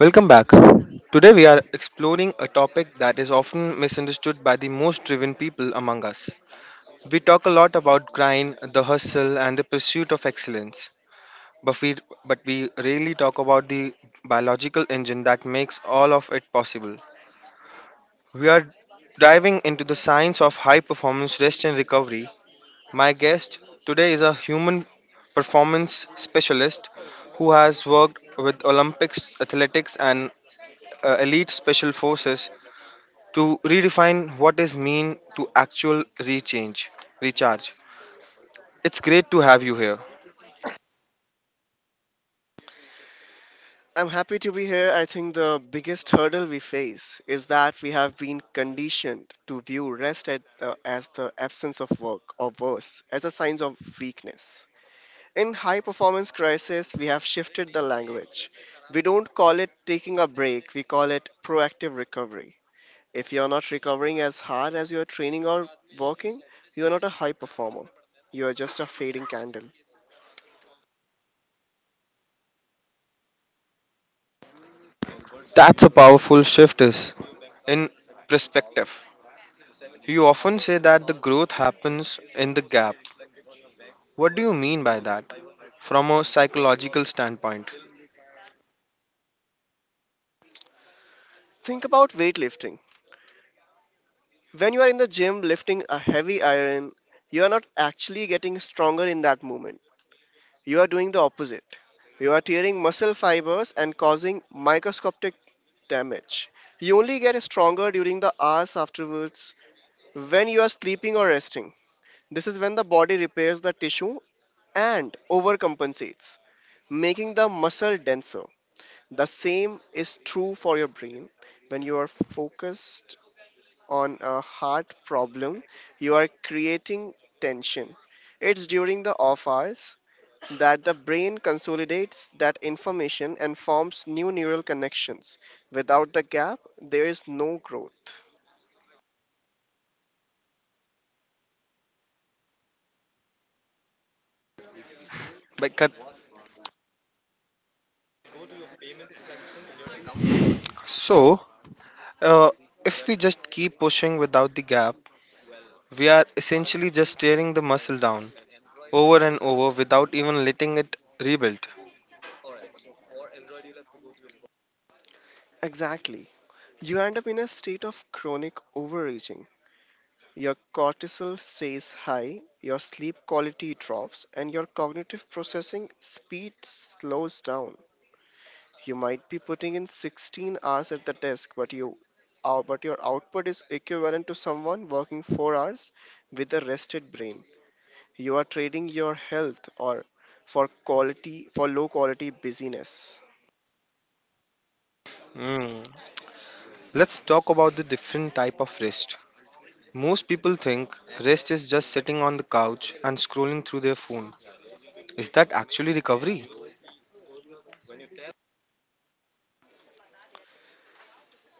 Welcome back. Today we are exploring a topic that is often misunderstood by the most driven people among us. We talk a lot about grind, the hustle, and the pursuit of excellence, but we, but we rarely talk about the biological engine that makes all of it possible. We are diving into the science of high performance rest and recovery. My guest today is a human performance specialist who has worked with Olympics athletics and elite special forces to redefine what is mean to recharge. It's great to have you here. I'm happy to be here. I think the biggest hurdle we face is that we have been conditioned to view rest as the absence of work or worse, as a sign of weakness. In high performance crisis, we have shifted the language. We don't call it taking a break, we call it proactive recovery. If you're not recovering as hard as you're training or working, you're not a high performer. You're just a fading candle. That's a powerful shift is in perspective. You often say that the growth happens in the gap. What do you mean by that from a psychological standpoint? Think about weightlifting. When you are in the gym lifting a heavy iron, you are not actually getting stronger in that moment. You are doing the opposite. You are tearing muscle fibers and causing microscopic damage. You only get stronger during the hours afterwards when you are sleeping or resting. This is when the body repairs the tissue and overcompensates, making the muscle denser. The same is true for your brain. When you are focused on a heart problem, you are creating tension. It's during the off hours that the brain consolidates that information and forms new neural connections. Without the gap, there is no growth. Because, so, uh, if we just keep pushing without the gap, we are essentially just tearing the muscle down over and over without even letting it rebuild. Exactly. You end up in a state of chronic overreaching. Your cortisol stays high, your sleep quality drops, and your cognitive processing speed slows down. You might be putting in 16 hours at the desk, but your output is equivalent to someone working 4 hours with a rested brain. You are trading your health or for quality for low quality busyness. Hmm. Let's talk about the different type of rest. Most people think rest is just sitting on the couch and scrolling through their phone. Is that actually recovery?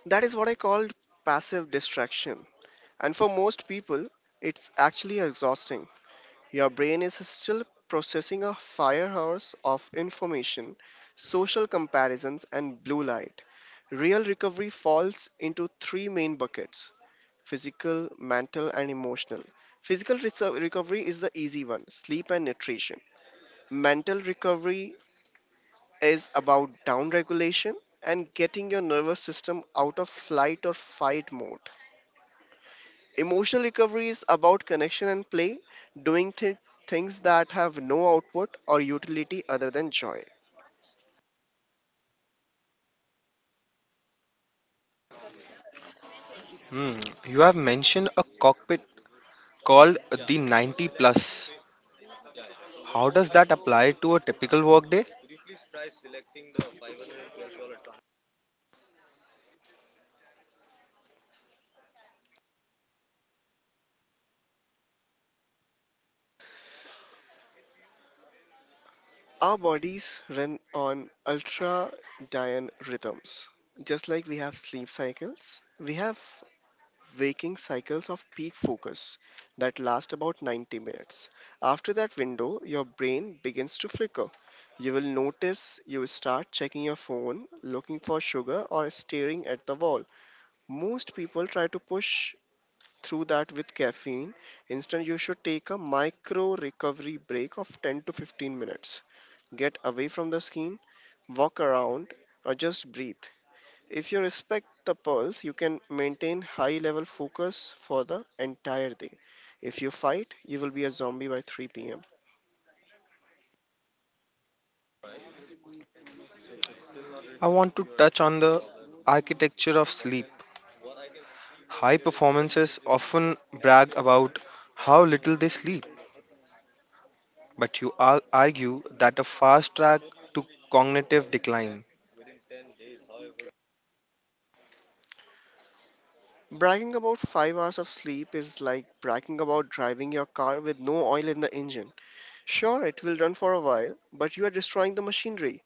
That is what I called passive distraction. And for most people, it's actually exhausting. Your brain is still processing a firehouse of information, social comparisons and blue light. Real recovery falls into three main buckets: physical, mental, and emotional. Physical recovery is the easy one: sleep and nutrition. Mental recovery is about down regulation and getting your nervous system out of flight or fight mode. Emotional recovery is about connection and play, doing things that have no output or utility other than joy. Hmm. You have mentioned a cockpit called the 90 plus. How does that apply to a typical workday? Our bodies run on ultradian rhythms. Just like we have sleep cycles, we have waking cycles of peak focus that last about 90 minutes. After that window, your brain begins to flicker. You will notice you start checking your phone, looking for sugar, or staring at the wall. Most people try to push through that with caffeine. Instead, you should take a micro recovery break of 10 to 15 minutes. Get away from the screen, walk around, or just breathe. If you respect the pulse, you can maintain high level focus for the entire day. If you fight, you will be a zombie by 3 pm. I want to touch on the architecture of sleep. High performances often brag about how little they sleep, but argue that a fast track to cognitive decline. Bragging about 5 hours of sleep is like bragging about driving your car with no oil in the engine. Sure, it will run for a while, but you are destroying the machinery.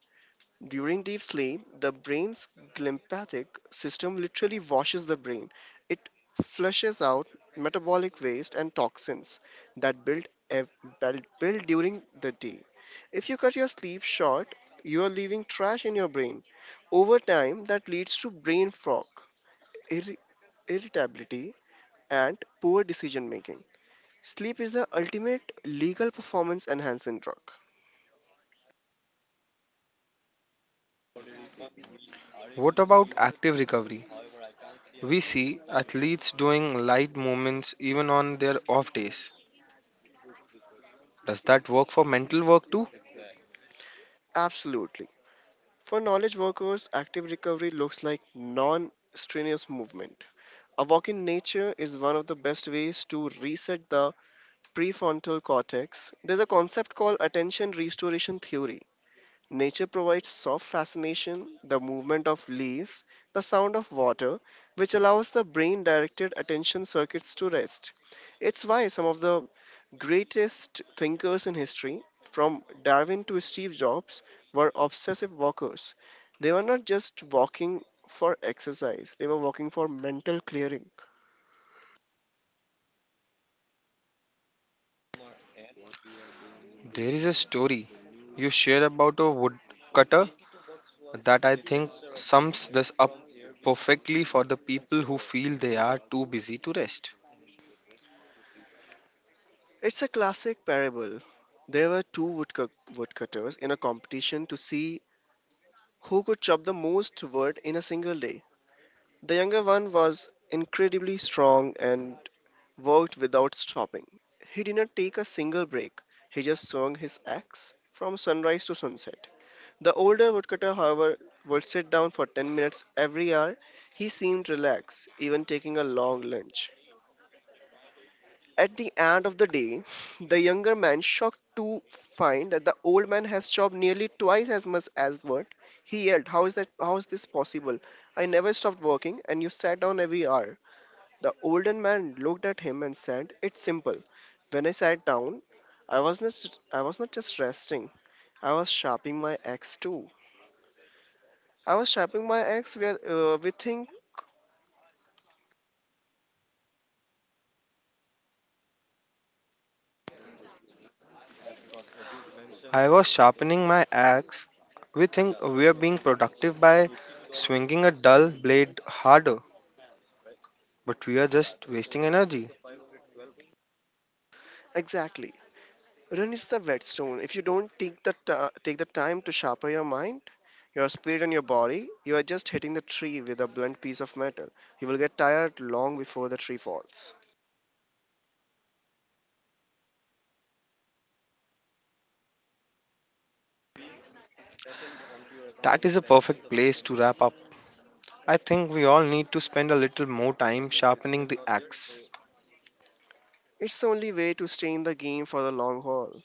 During deep sleep, the brain's glymphatic system literally washes the brain. It flushes out metabolic waste and toxins that build, ev- build build during the day. If you cut your sleep short, you are leaving trash in your brain. Over time, that leads to brain fog, irri- irritability, and poor decision making. Sleep is the ultimate legal performance enhancing drug. What about active recovery? We see athletes doing light movements even on their off days. Does that work for mental work too? Absolutely. For knowledge workers, active recovery looks like non strenuous movement. A walk in nature is one of the best ways to reset the prefrontal cortex. There's a concept called attention restoration theory. Nature provides soft fascination, the movement of leaves, the sound of water, which allows the brain directed attention circuits to rest. It's why some of the greatest thinkers in history, from Darwin to Steve Jobs, were obsessive walkers. They were not just walking for exercise, they were walking for mental clearing. There is a story you share about a woodcutter that I think sums this up perfectly for the people who feel they are too busy to rest. It's a classic parable. There were two woodcutters in a competition to see who could chop the most wood in a single day. The younger one was incredibly strong and worked without stopping. He did not take a single break. He just swung his axe from sunrise to sunset. The older woodcutter, however, would sit down for 10 minutes every hour. He seemed relaxed, even taking a long lunch. At the end of the day, the younger man shocked to find that the old man has chopped nearly twice as much as what he yelled. How is that? How is this possible? I never stopped working, and you sat down every hour. The older man looked at him and said, "It's simple. When I sat down, I was not just resting. I was sharpening my axe too. I was sharpening my axe where we think I was sharpening my axe. We think we are being productive by swinging a dull blade harder, but we are just wasting energy. exactly. Run is the whetstone. If you don't take the time to sharpen your mind, your spirit and your body, you are just hitting the tree with a blunt piece of metal. You will get tired long before the tree falls." That is a perfect place to wrap up. I think we all need to spend a little more time sharpening the axe. It's the only way to stay in the game for the long haul.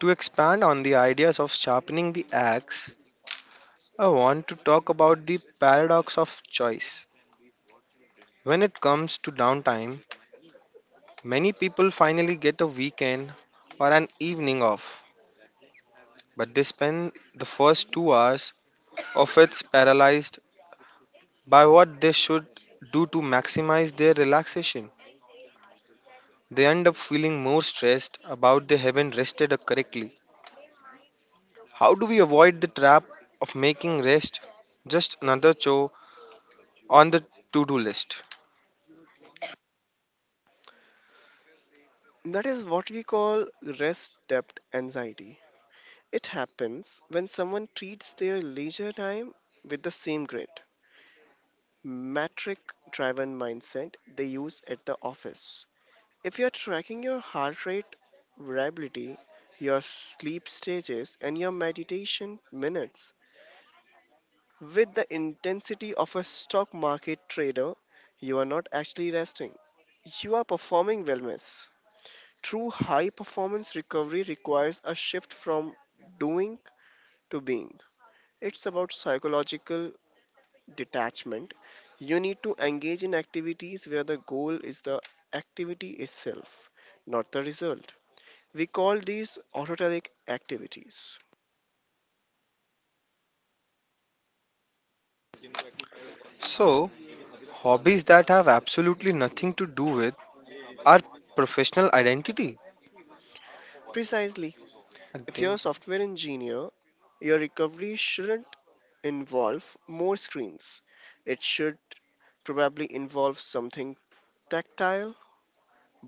To expand on the ideas of sharpening the axe, I want to talk about the paradox of choice. When it comes to downtime, many people finally get a weekend or an evening off, but they spend the first 2 hours of it paralyzed by what they should do to maximize their relaxation. They end up feeling more stressed about they haven't rested correctly. How do we avoid the trap of making rest just another chore on the to do list? That is what we call rest depth anxiety. It happens when someone treats their leisure time with the same grit, metric driven mindset they use at the office. If you're tracking your heart rate variability, your sleep stages, and your meditation minutes with the intensity of a stock market trader, you are not actually resting. You are performing wellness. True high performance recovery requires a shift from doing to being. It's about psychological detachment. You need to engage in activities where the goal is the activity itself, not the result. We call these autoteric activities. So, hobbies that have absolutely nothing to do with our professional identity. Precisely. If you're a Identity. software engineer, your recovery shouldn't involve more screens. It should probably involve something tactile: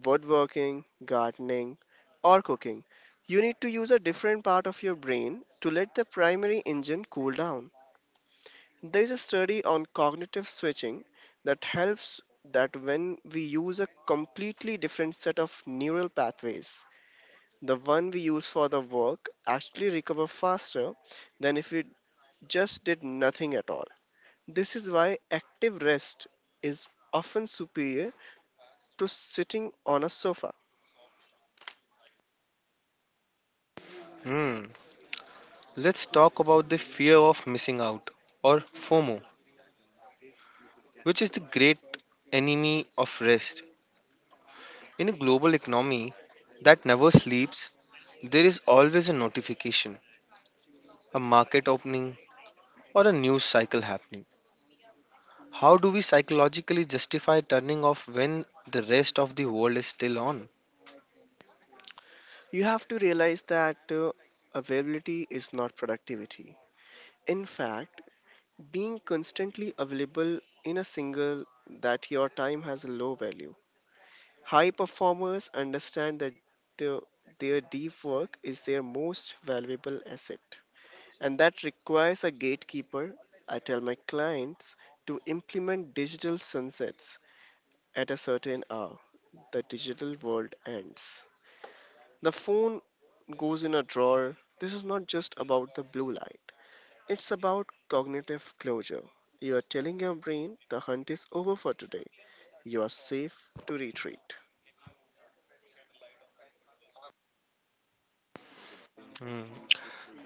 woodworking, gardening, or cooking. You need to use a different part of your brain to let the primary engine cool down. There is a study on cognitive switching that helps that when we use a completely different set of neural pathways, the one we use for the work actually recover faster than if we just did nothing at all. This is why active rest is often superior to sitting on a sofa. Hmm. Let's talk about the fear of missing out or FOMO, which is the great enemy of rest. In a global economy that never sleeps, there is always a notification, a market opening, or a news cycle happening. How do we psychologically justify turning off when the rest of the world is still on? You have to realize that availability is not productivity. In fact, being constantly available in a single that your time has a low value. High performers understand that their deep work is their most valuable asset, and that requires a gatekeeper. I tell my clients to implement digital sunsets at a certain hour. The digital world ends. The phone goes in a drawer. This is not just about the blue light, it's about cognitive closure. You are telling your brain the hunt is over for today. You are safe to retreat. Hmm.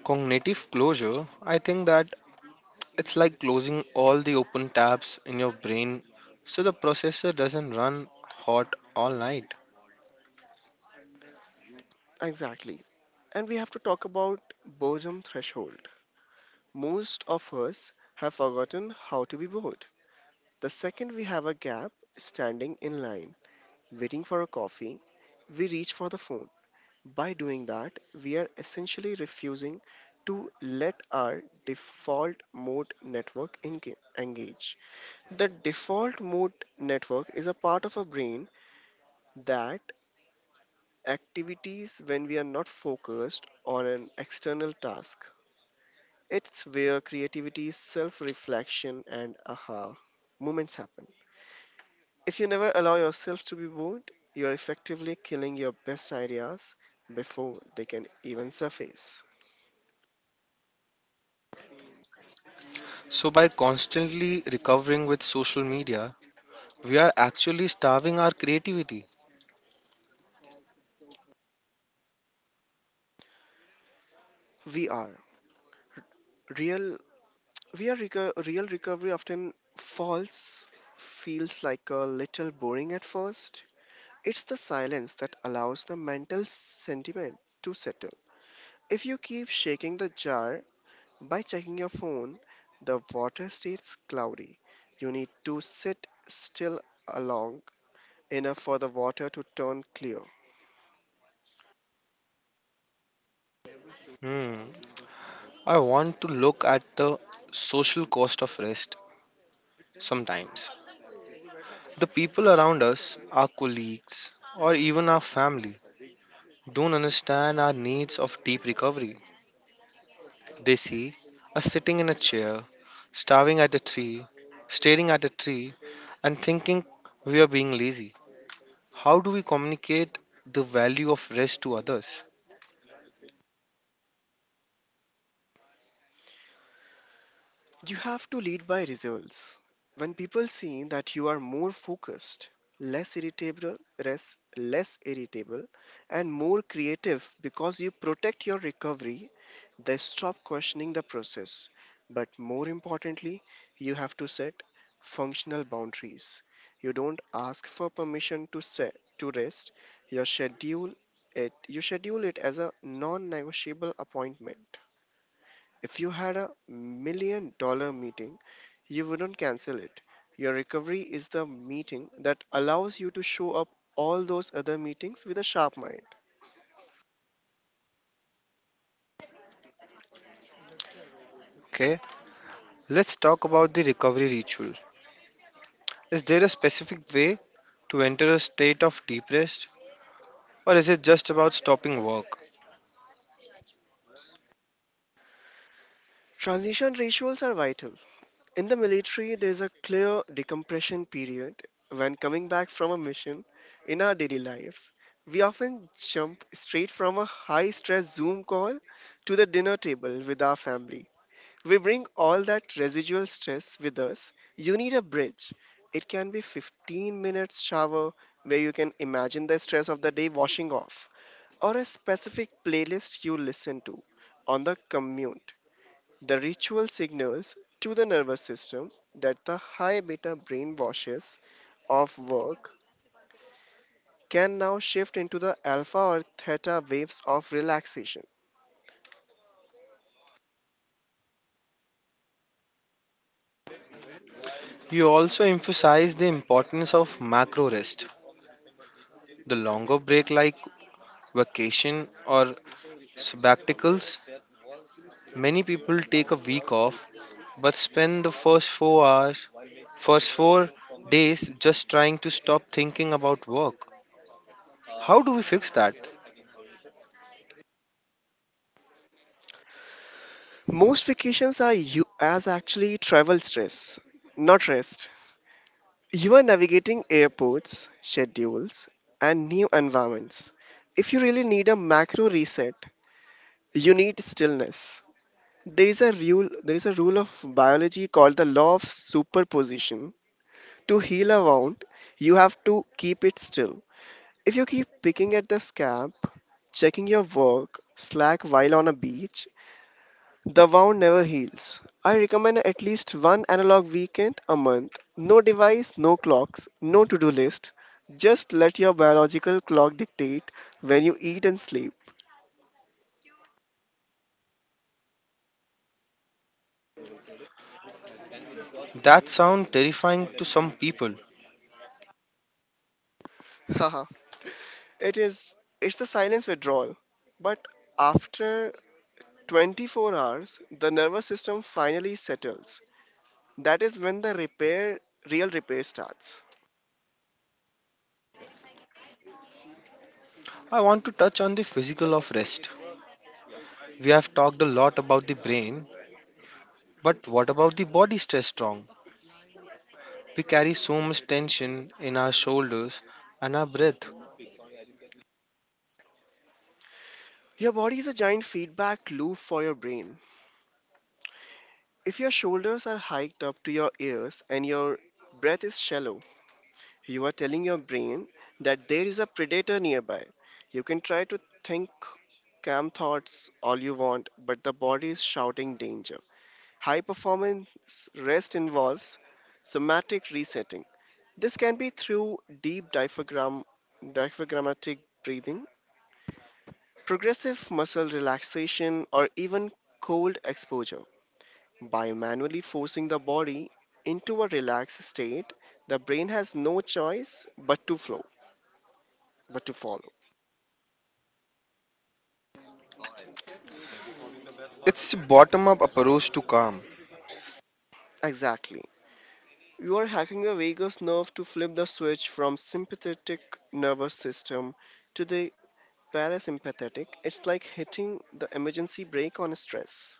Cognitive closure, I think that it's like closing all the open tabs in your brain so the processor doesn't run hot all night. Exactly. And we have to talk about boredom threshold. Most of us have forgotten how to be bored. The second we have a gap standing in line, waiting for a coffee, we reach for the phone. By doing that, we are essentially refusing to let our default mode network engage. The default mode network is a part of our brain that activities when we are not focused on an external task. It's where creativity, self reflection, and aha moments happen. If you never allow yourself to be bored, you are effectively killing your best ideas before they can even surface. So, by constantly recovering with social media, we are actually starving our creativity. VR Real, real recovery often feels like a little boring at first. It's the silence that allows the mental sentiment to settle. If you keep shaking the jar by checking your phone, the water stays cloudy. You need to sit still along enough for the water to turn clear. Hmm. I want to look at the social cost of rest sometimes. The people around us, our colleagues, or even our family, don't understand our needs of deep recovery. They see us sitting in a chair, starving at a tree, staring at a tree, and thinking we are being lazy. How do we communicate the value of rest to others? You have to lead by results. When people see that you are more focused, less irritable, and more creative because you protect your recovery, they stop questioning the process. But more importantly, you have to set functional boundaries. You don't ask for permission to set to rest. You schedule You schedule it as a non-negotiable appointment. If you had $1 million meeting, you wouldn't cancel it. Your recovery is the meeting that allows you to show up all those other meetings with a sharp mind. Okay, let's talk about the recovery ritual. Is there a specific way to enter a state of deep rest, or is it just about stopping work? Transition rituals are vital. In the military, there is a clear decompression period when coming back from a mission in our daily lives. We often jump straight from a high stress Zoom call to the dinner table with our family. We bring all that residual stress with us. You need a bridge. It can be 15 minutes shower where you can imagine the stress of the day washing off, or a specific playlist you listen to on the commute. The ritual signals to the nervous system that the high beta brain washes of work can now shift into the alpha or theta waves of relaxation. You also emphasize the importance of macro rest. The longer break, like vacation or Sabbaticals. Many people take a week off but spend the first 4 hours, first 4 days just trying to stop thinking about work. How do we fix that? Most vacations are you as actually travel stress, not rest. You are navigating airports, schedules, and new environments. If you really need a macro reset, you need stillness. There is a rule of biology called the law of superposition. To heal a wound, you have to keep it still. If you keep picking at the scab, checking your work, slack while on a beach, the wound never heals. I recommend at least one analog weekend a month. No device, no clocks, no to do list. Just let your biological clock dictate when you eat and sleep. That sounds terrifying to some people. Haha, it is. It's the silence withdrawal. But after 24 hours, the nervous system finally settles. That is when real repair starts. I want to touch on the physical of rest. We have talked a lot about the brain, but what about the body stress strong? We carry so much tension in our shoulders and our breath. Your body is a giant feedback loop for your brain. If your shoulders are hiked up to your ears and your breath is shallow, you are telling your brain that there is a predator nearby. You can try to think calm thoughts all you want, but the body is shouting danger. High performance rest involves somatic resetting. This can be through diaphragmatic breathing, progressive muscle relaxation, or even cold exposure. By manually forcing the body into a relaxed state, the brain has no choice but to follow. It's bottom up approach to calm. Exactly. You are hacking the vagus nerve to flip the switch from sympathetic nervous system to the parasympathetic. It's like hitting the emergency brake on stress.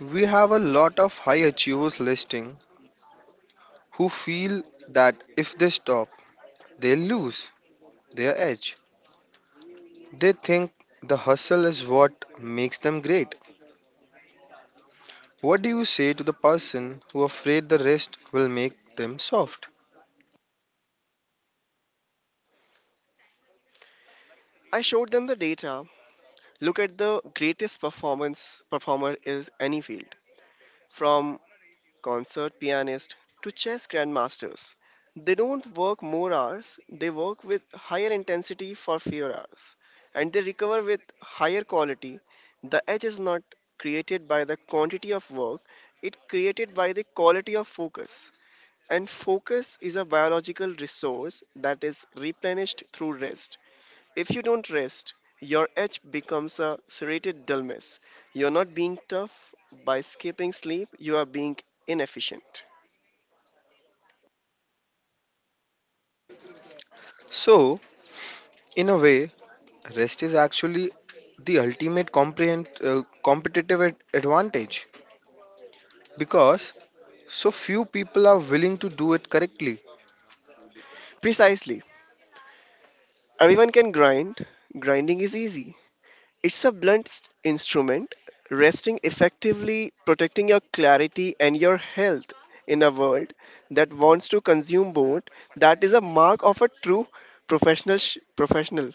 We have a lot of high achievers listing who feel that if they stop, they lose their edge. They think the hustle is what makes them great. What do you say to the person who afraid the rest will make them soft? I showed them the data. Look at the greatest performance performer is any field. From concert pianists to chess grandmasters. They don't work more hours, they work with higher intensity for fewer hours, and they recover with higher quality. The edge is not created by the quantity of work, it created by the quality of focus. And focus is a biological resource that is replenished through rest. If you don't rest, your edge becomes a serrated dullness. You're not being tough by skipping sleep, you are being inefficient. So, in a way, rest is actually the ultimate competitive advantage because so few people are willing to do it correctly. Precisely. Everyone can grind. Grinding is easy. It's a instrument, resting effectively, protecting your clarity and your health in a world that wants to consume both. That is a mark of a true professional.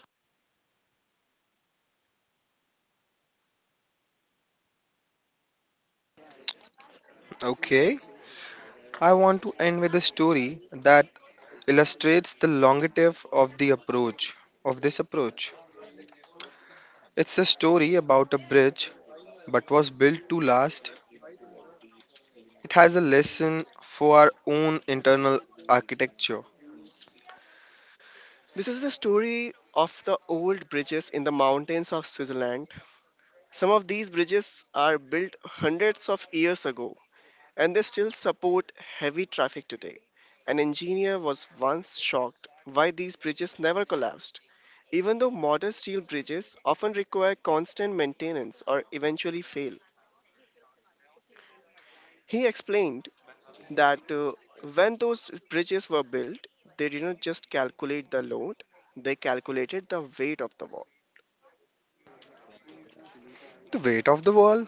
Okay, I want to end with a story that illustrates the longevity of the approach of this approach. It's a story about a bridge but was built to last. It has a lesson for our own internal architecture. This is the story of the old bridges in the mountains of Switzerland. Some of these bridges are built hundreds of years ago and they still support heavy traffic today. An engineer was once shocked why these bridges never collapsed, even though modern steel bridges often require constant maintenance or eventually fail. He explained that when those bridges were built, they did not just calculate the load, they calculated the weight of the wall. The weight of the wall.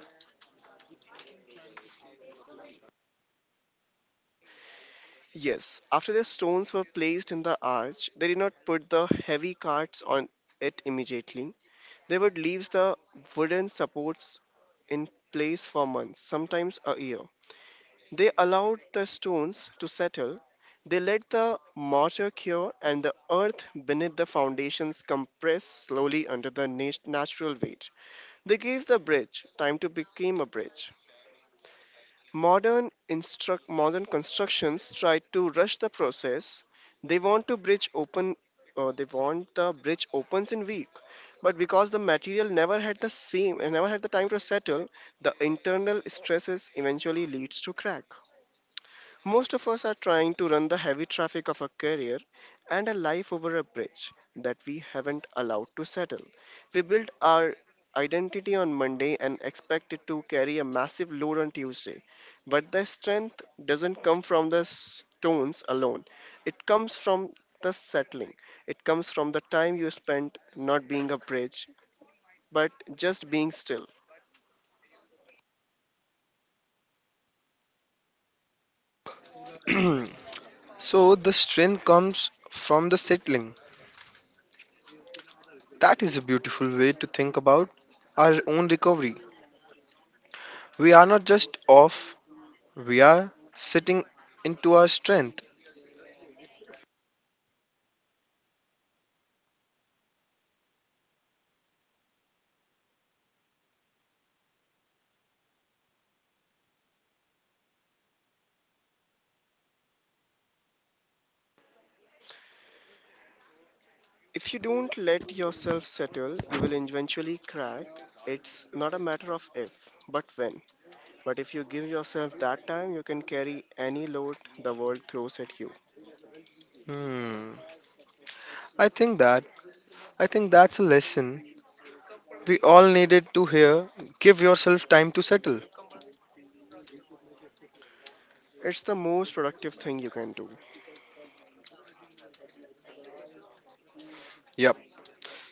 Yes, after the stones were placed in the arch, they did not put the heavy carts on it immediately. They would leave the wooden supports in place for months, sometimes a year. They allowed the stones to settle. They let the mortar cure and the earth beneath the foundations compress slowly under the natural weight. They gave the bridge time to become a bridge. Modern constructions try to rush the process. They want to bridge open they want the bridge opens in week, but because the material never had the same and never had the time to settle, the internal stresses eventually leads to crack. Most of us are trying to run the heavy traffic of a career and a life over a bridge that we haven't allowed to settle. We build our identity on Monday and expect it to carry a massive load on Tuesday. But the strength doesn't come from the stones alone, it comes from the settling. It comes from the time you spent not being a bridge, but just being still. So the strength comes from the settling. That is a beautiful way to think about our own recovery. We are not just off, we are sitting into our strength. If you don't let yourself settle, you will eventually crack. It's not a matter of if, but when. But if you give yourself that time, you can carry any load the world throws at you. Hmm. I think that I think that's a lesson we all needed to hear. Give yourself time to settle. It's the most productive thing you can do. Yep.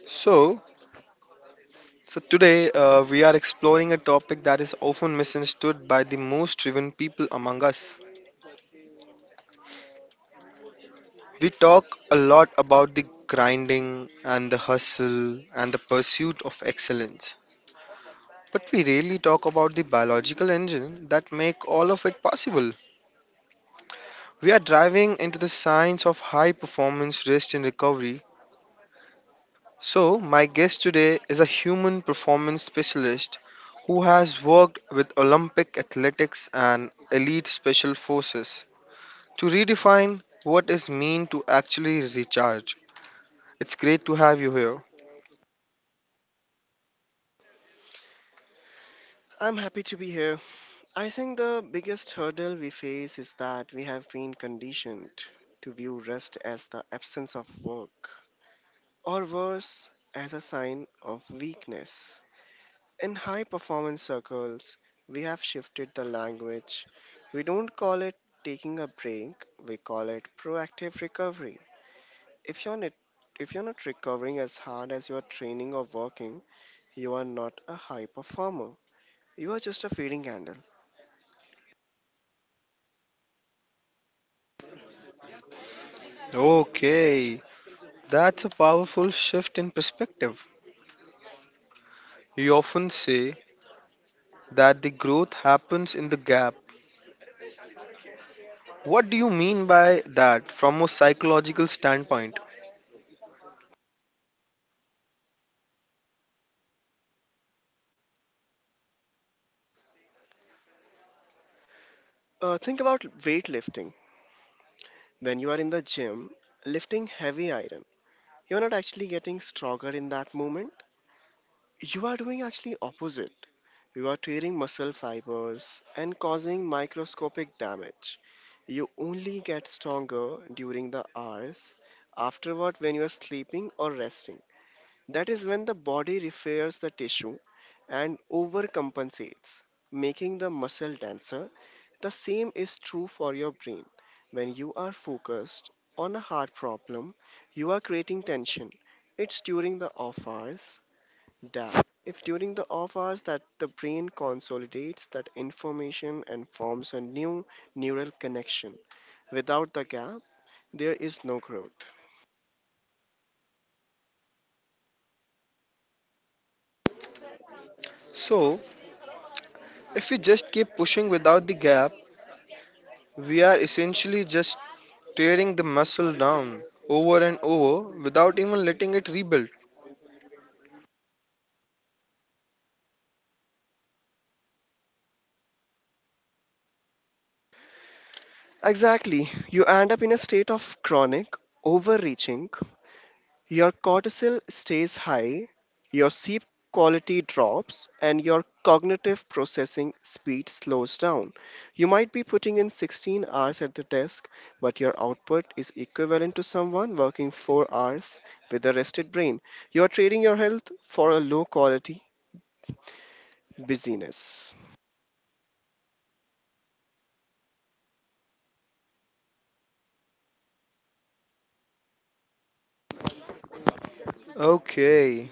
So Today we are exploring a topic that is often misunderstood by the most driven people among us. We talk a lot about the grinding and the hustle and the pursuit of excellence. But we rarely talk about the biological engine that make all of it possible. We are driving into the science of high performance rest and recovery. So, my guest today is a human performance specialist who has worked with Olympic athletics and elite special forces. To redefine what is mean to actually recharge. It's great to have you here. I'm happy to be here. I think the biggest hurdle we face is that we have been conditioned to view rest as the absence of work, or worse, as a sign of weakness. In high performance circles, we have shifted the language. We don't call it taking a break, we call it proactive recovery. If you're not if you're not recovering as hard as you are training or working, you are not a high performer. You are just a feeding handle. Okay, that's a powerful shift in perspective. You often say that the growth happens in the gap. What do you mean by that from a psychological standpoint? Think about weightlifting. When you are in the gym, lifting heavy iron, you're not actually getting stronger in that moment. You are doing actually opposite. You are tearing muscle fibers and causing microscopic damage. You only get stronger during the hours afterward when you are sleeping or resting. That is when the body repairs the tissue and overcompensates, making the muscle denser. The same is true for your brain. When you are focused on a hard problem, you are creating tension. It's during the off hours. Damn. If during the off hours that the brain consolidates that information and forms a new neural connection, without the gap, there is no growth. So, if we just keep pushing without the gap, we are essentially just tearing the muscle down over and over without even letting it rebuild. Exactly. You end up in a state of chronic overreaching. Your cortisol stays high, your sleep quality drops, and your cognitive processing speed slows down. You might be putting in 16 hours at the desk, but your output is equivalent to someone working 4 hours with a rested brain. You are trading your health for a low quality busyness. Okay,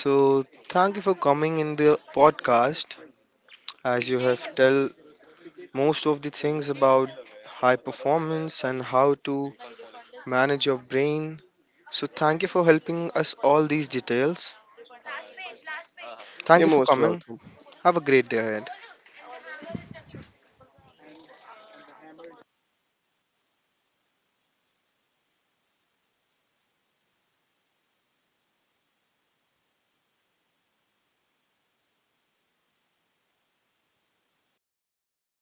so thank you for coming in the podcast. As you have tell most of the things about high performance and how to manage your brain. So thank you for helping us all these details. Thank You're you for most coming. welcome. Have a great day ahead.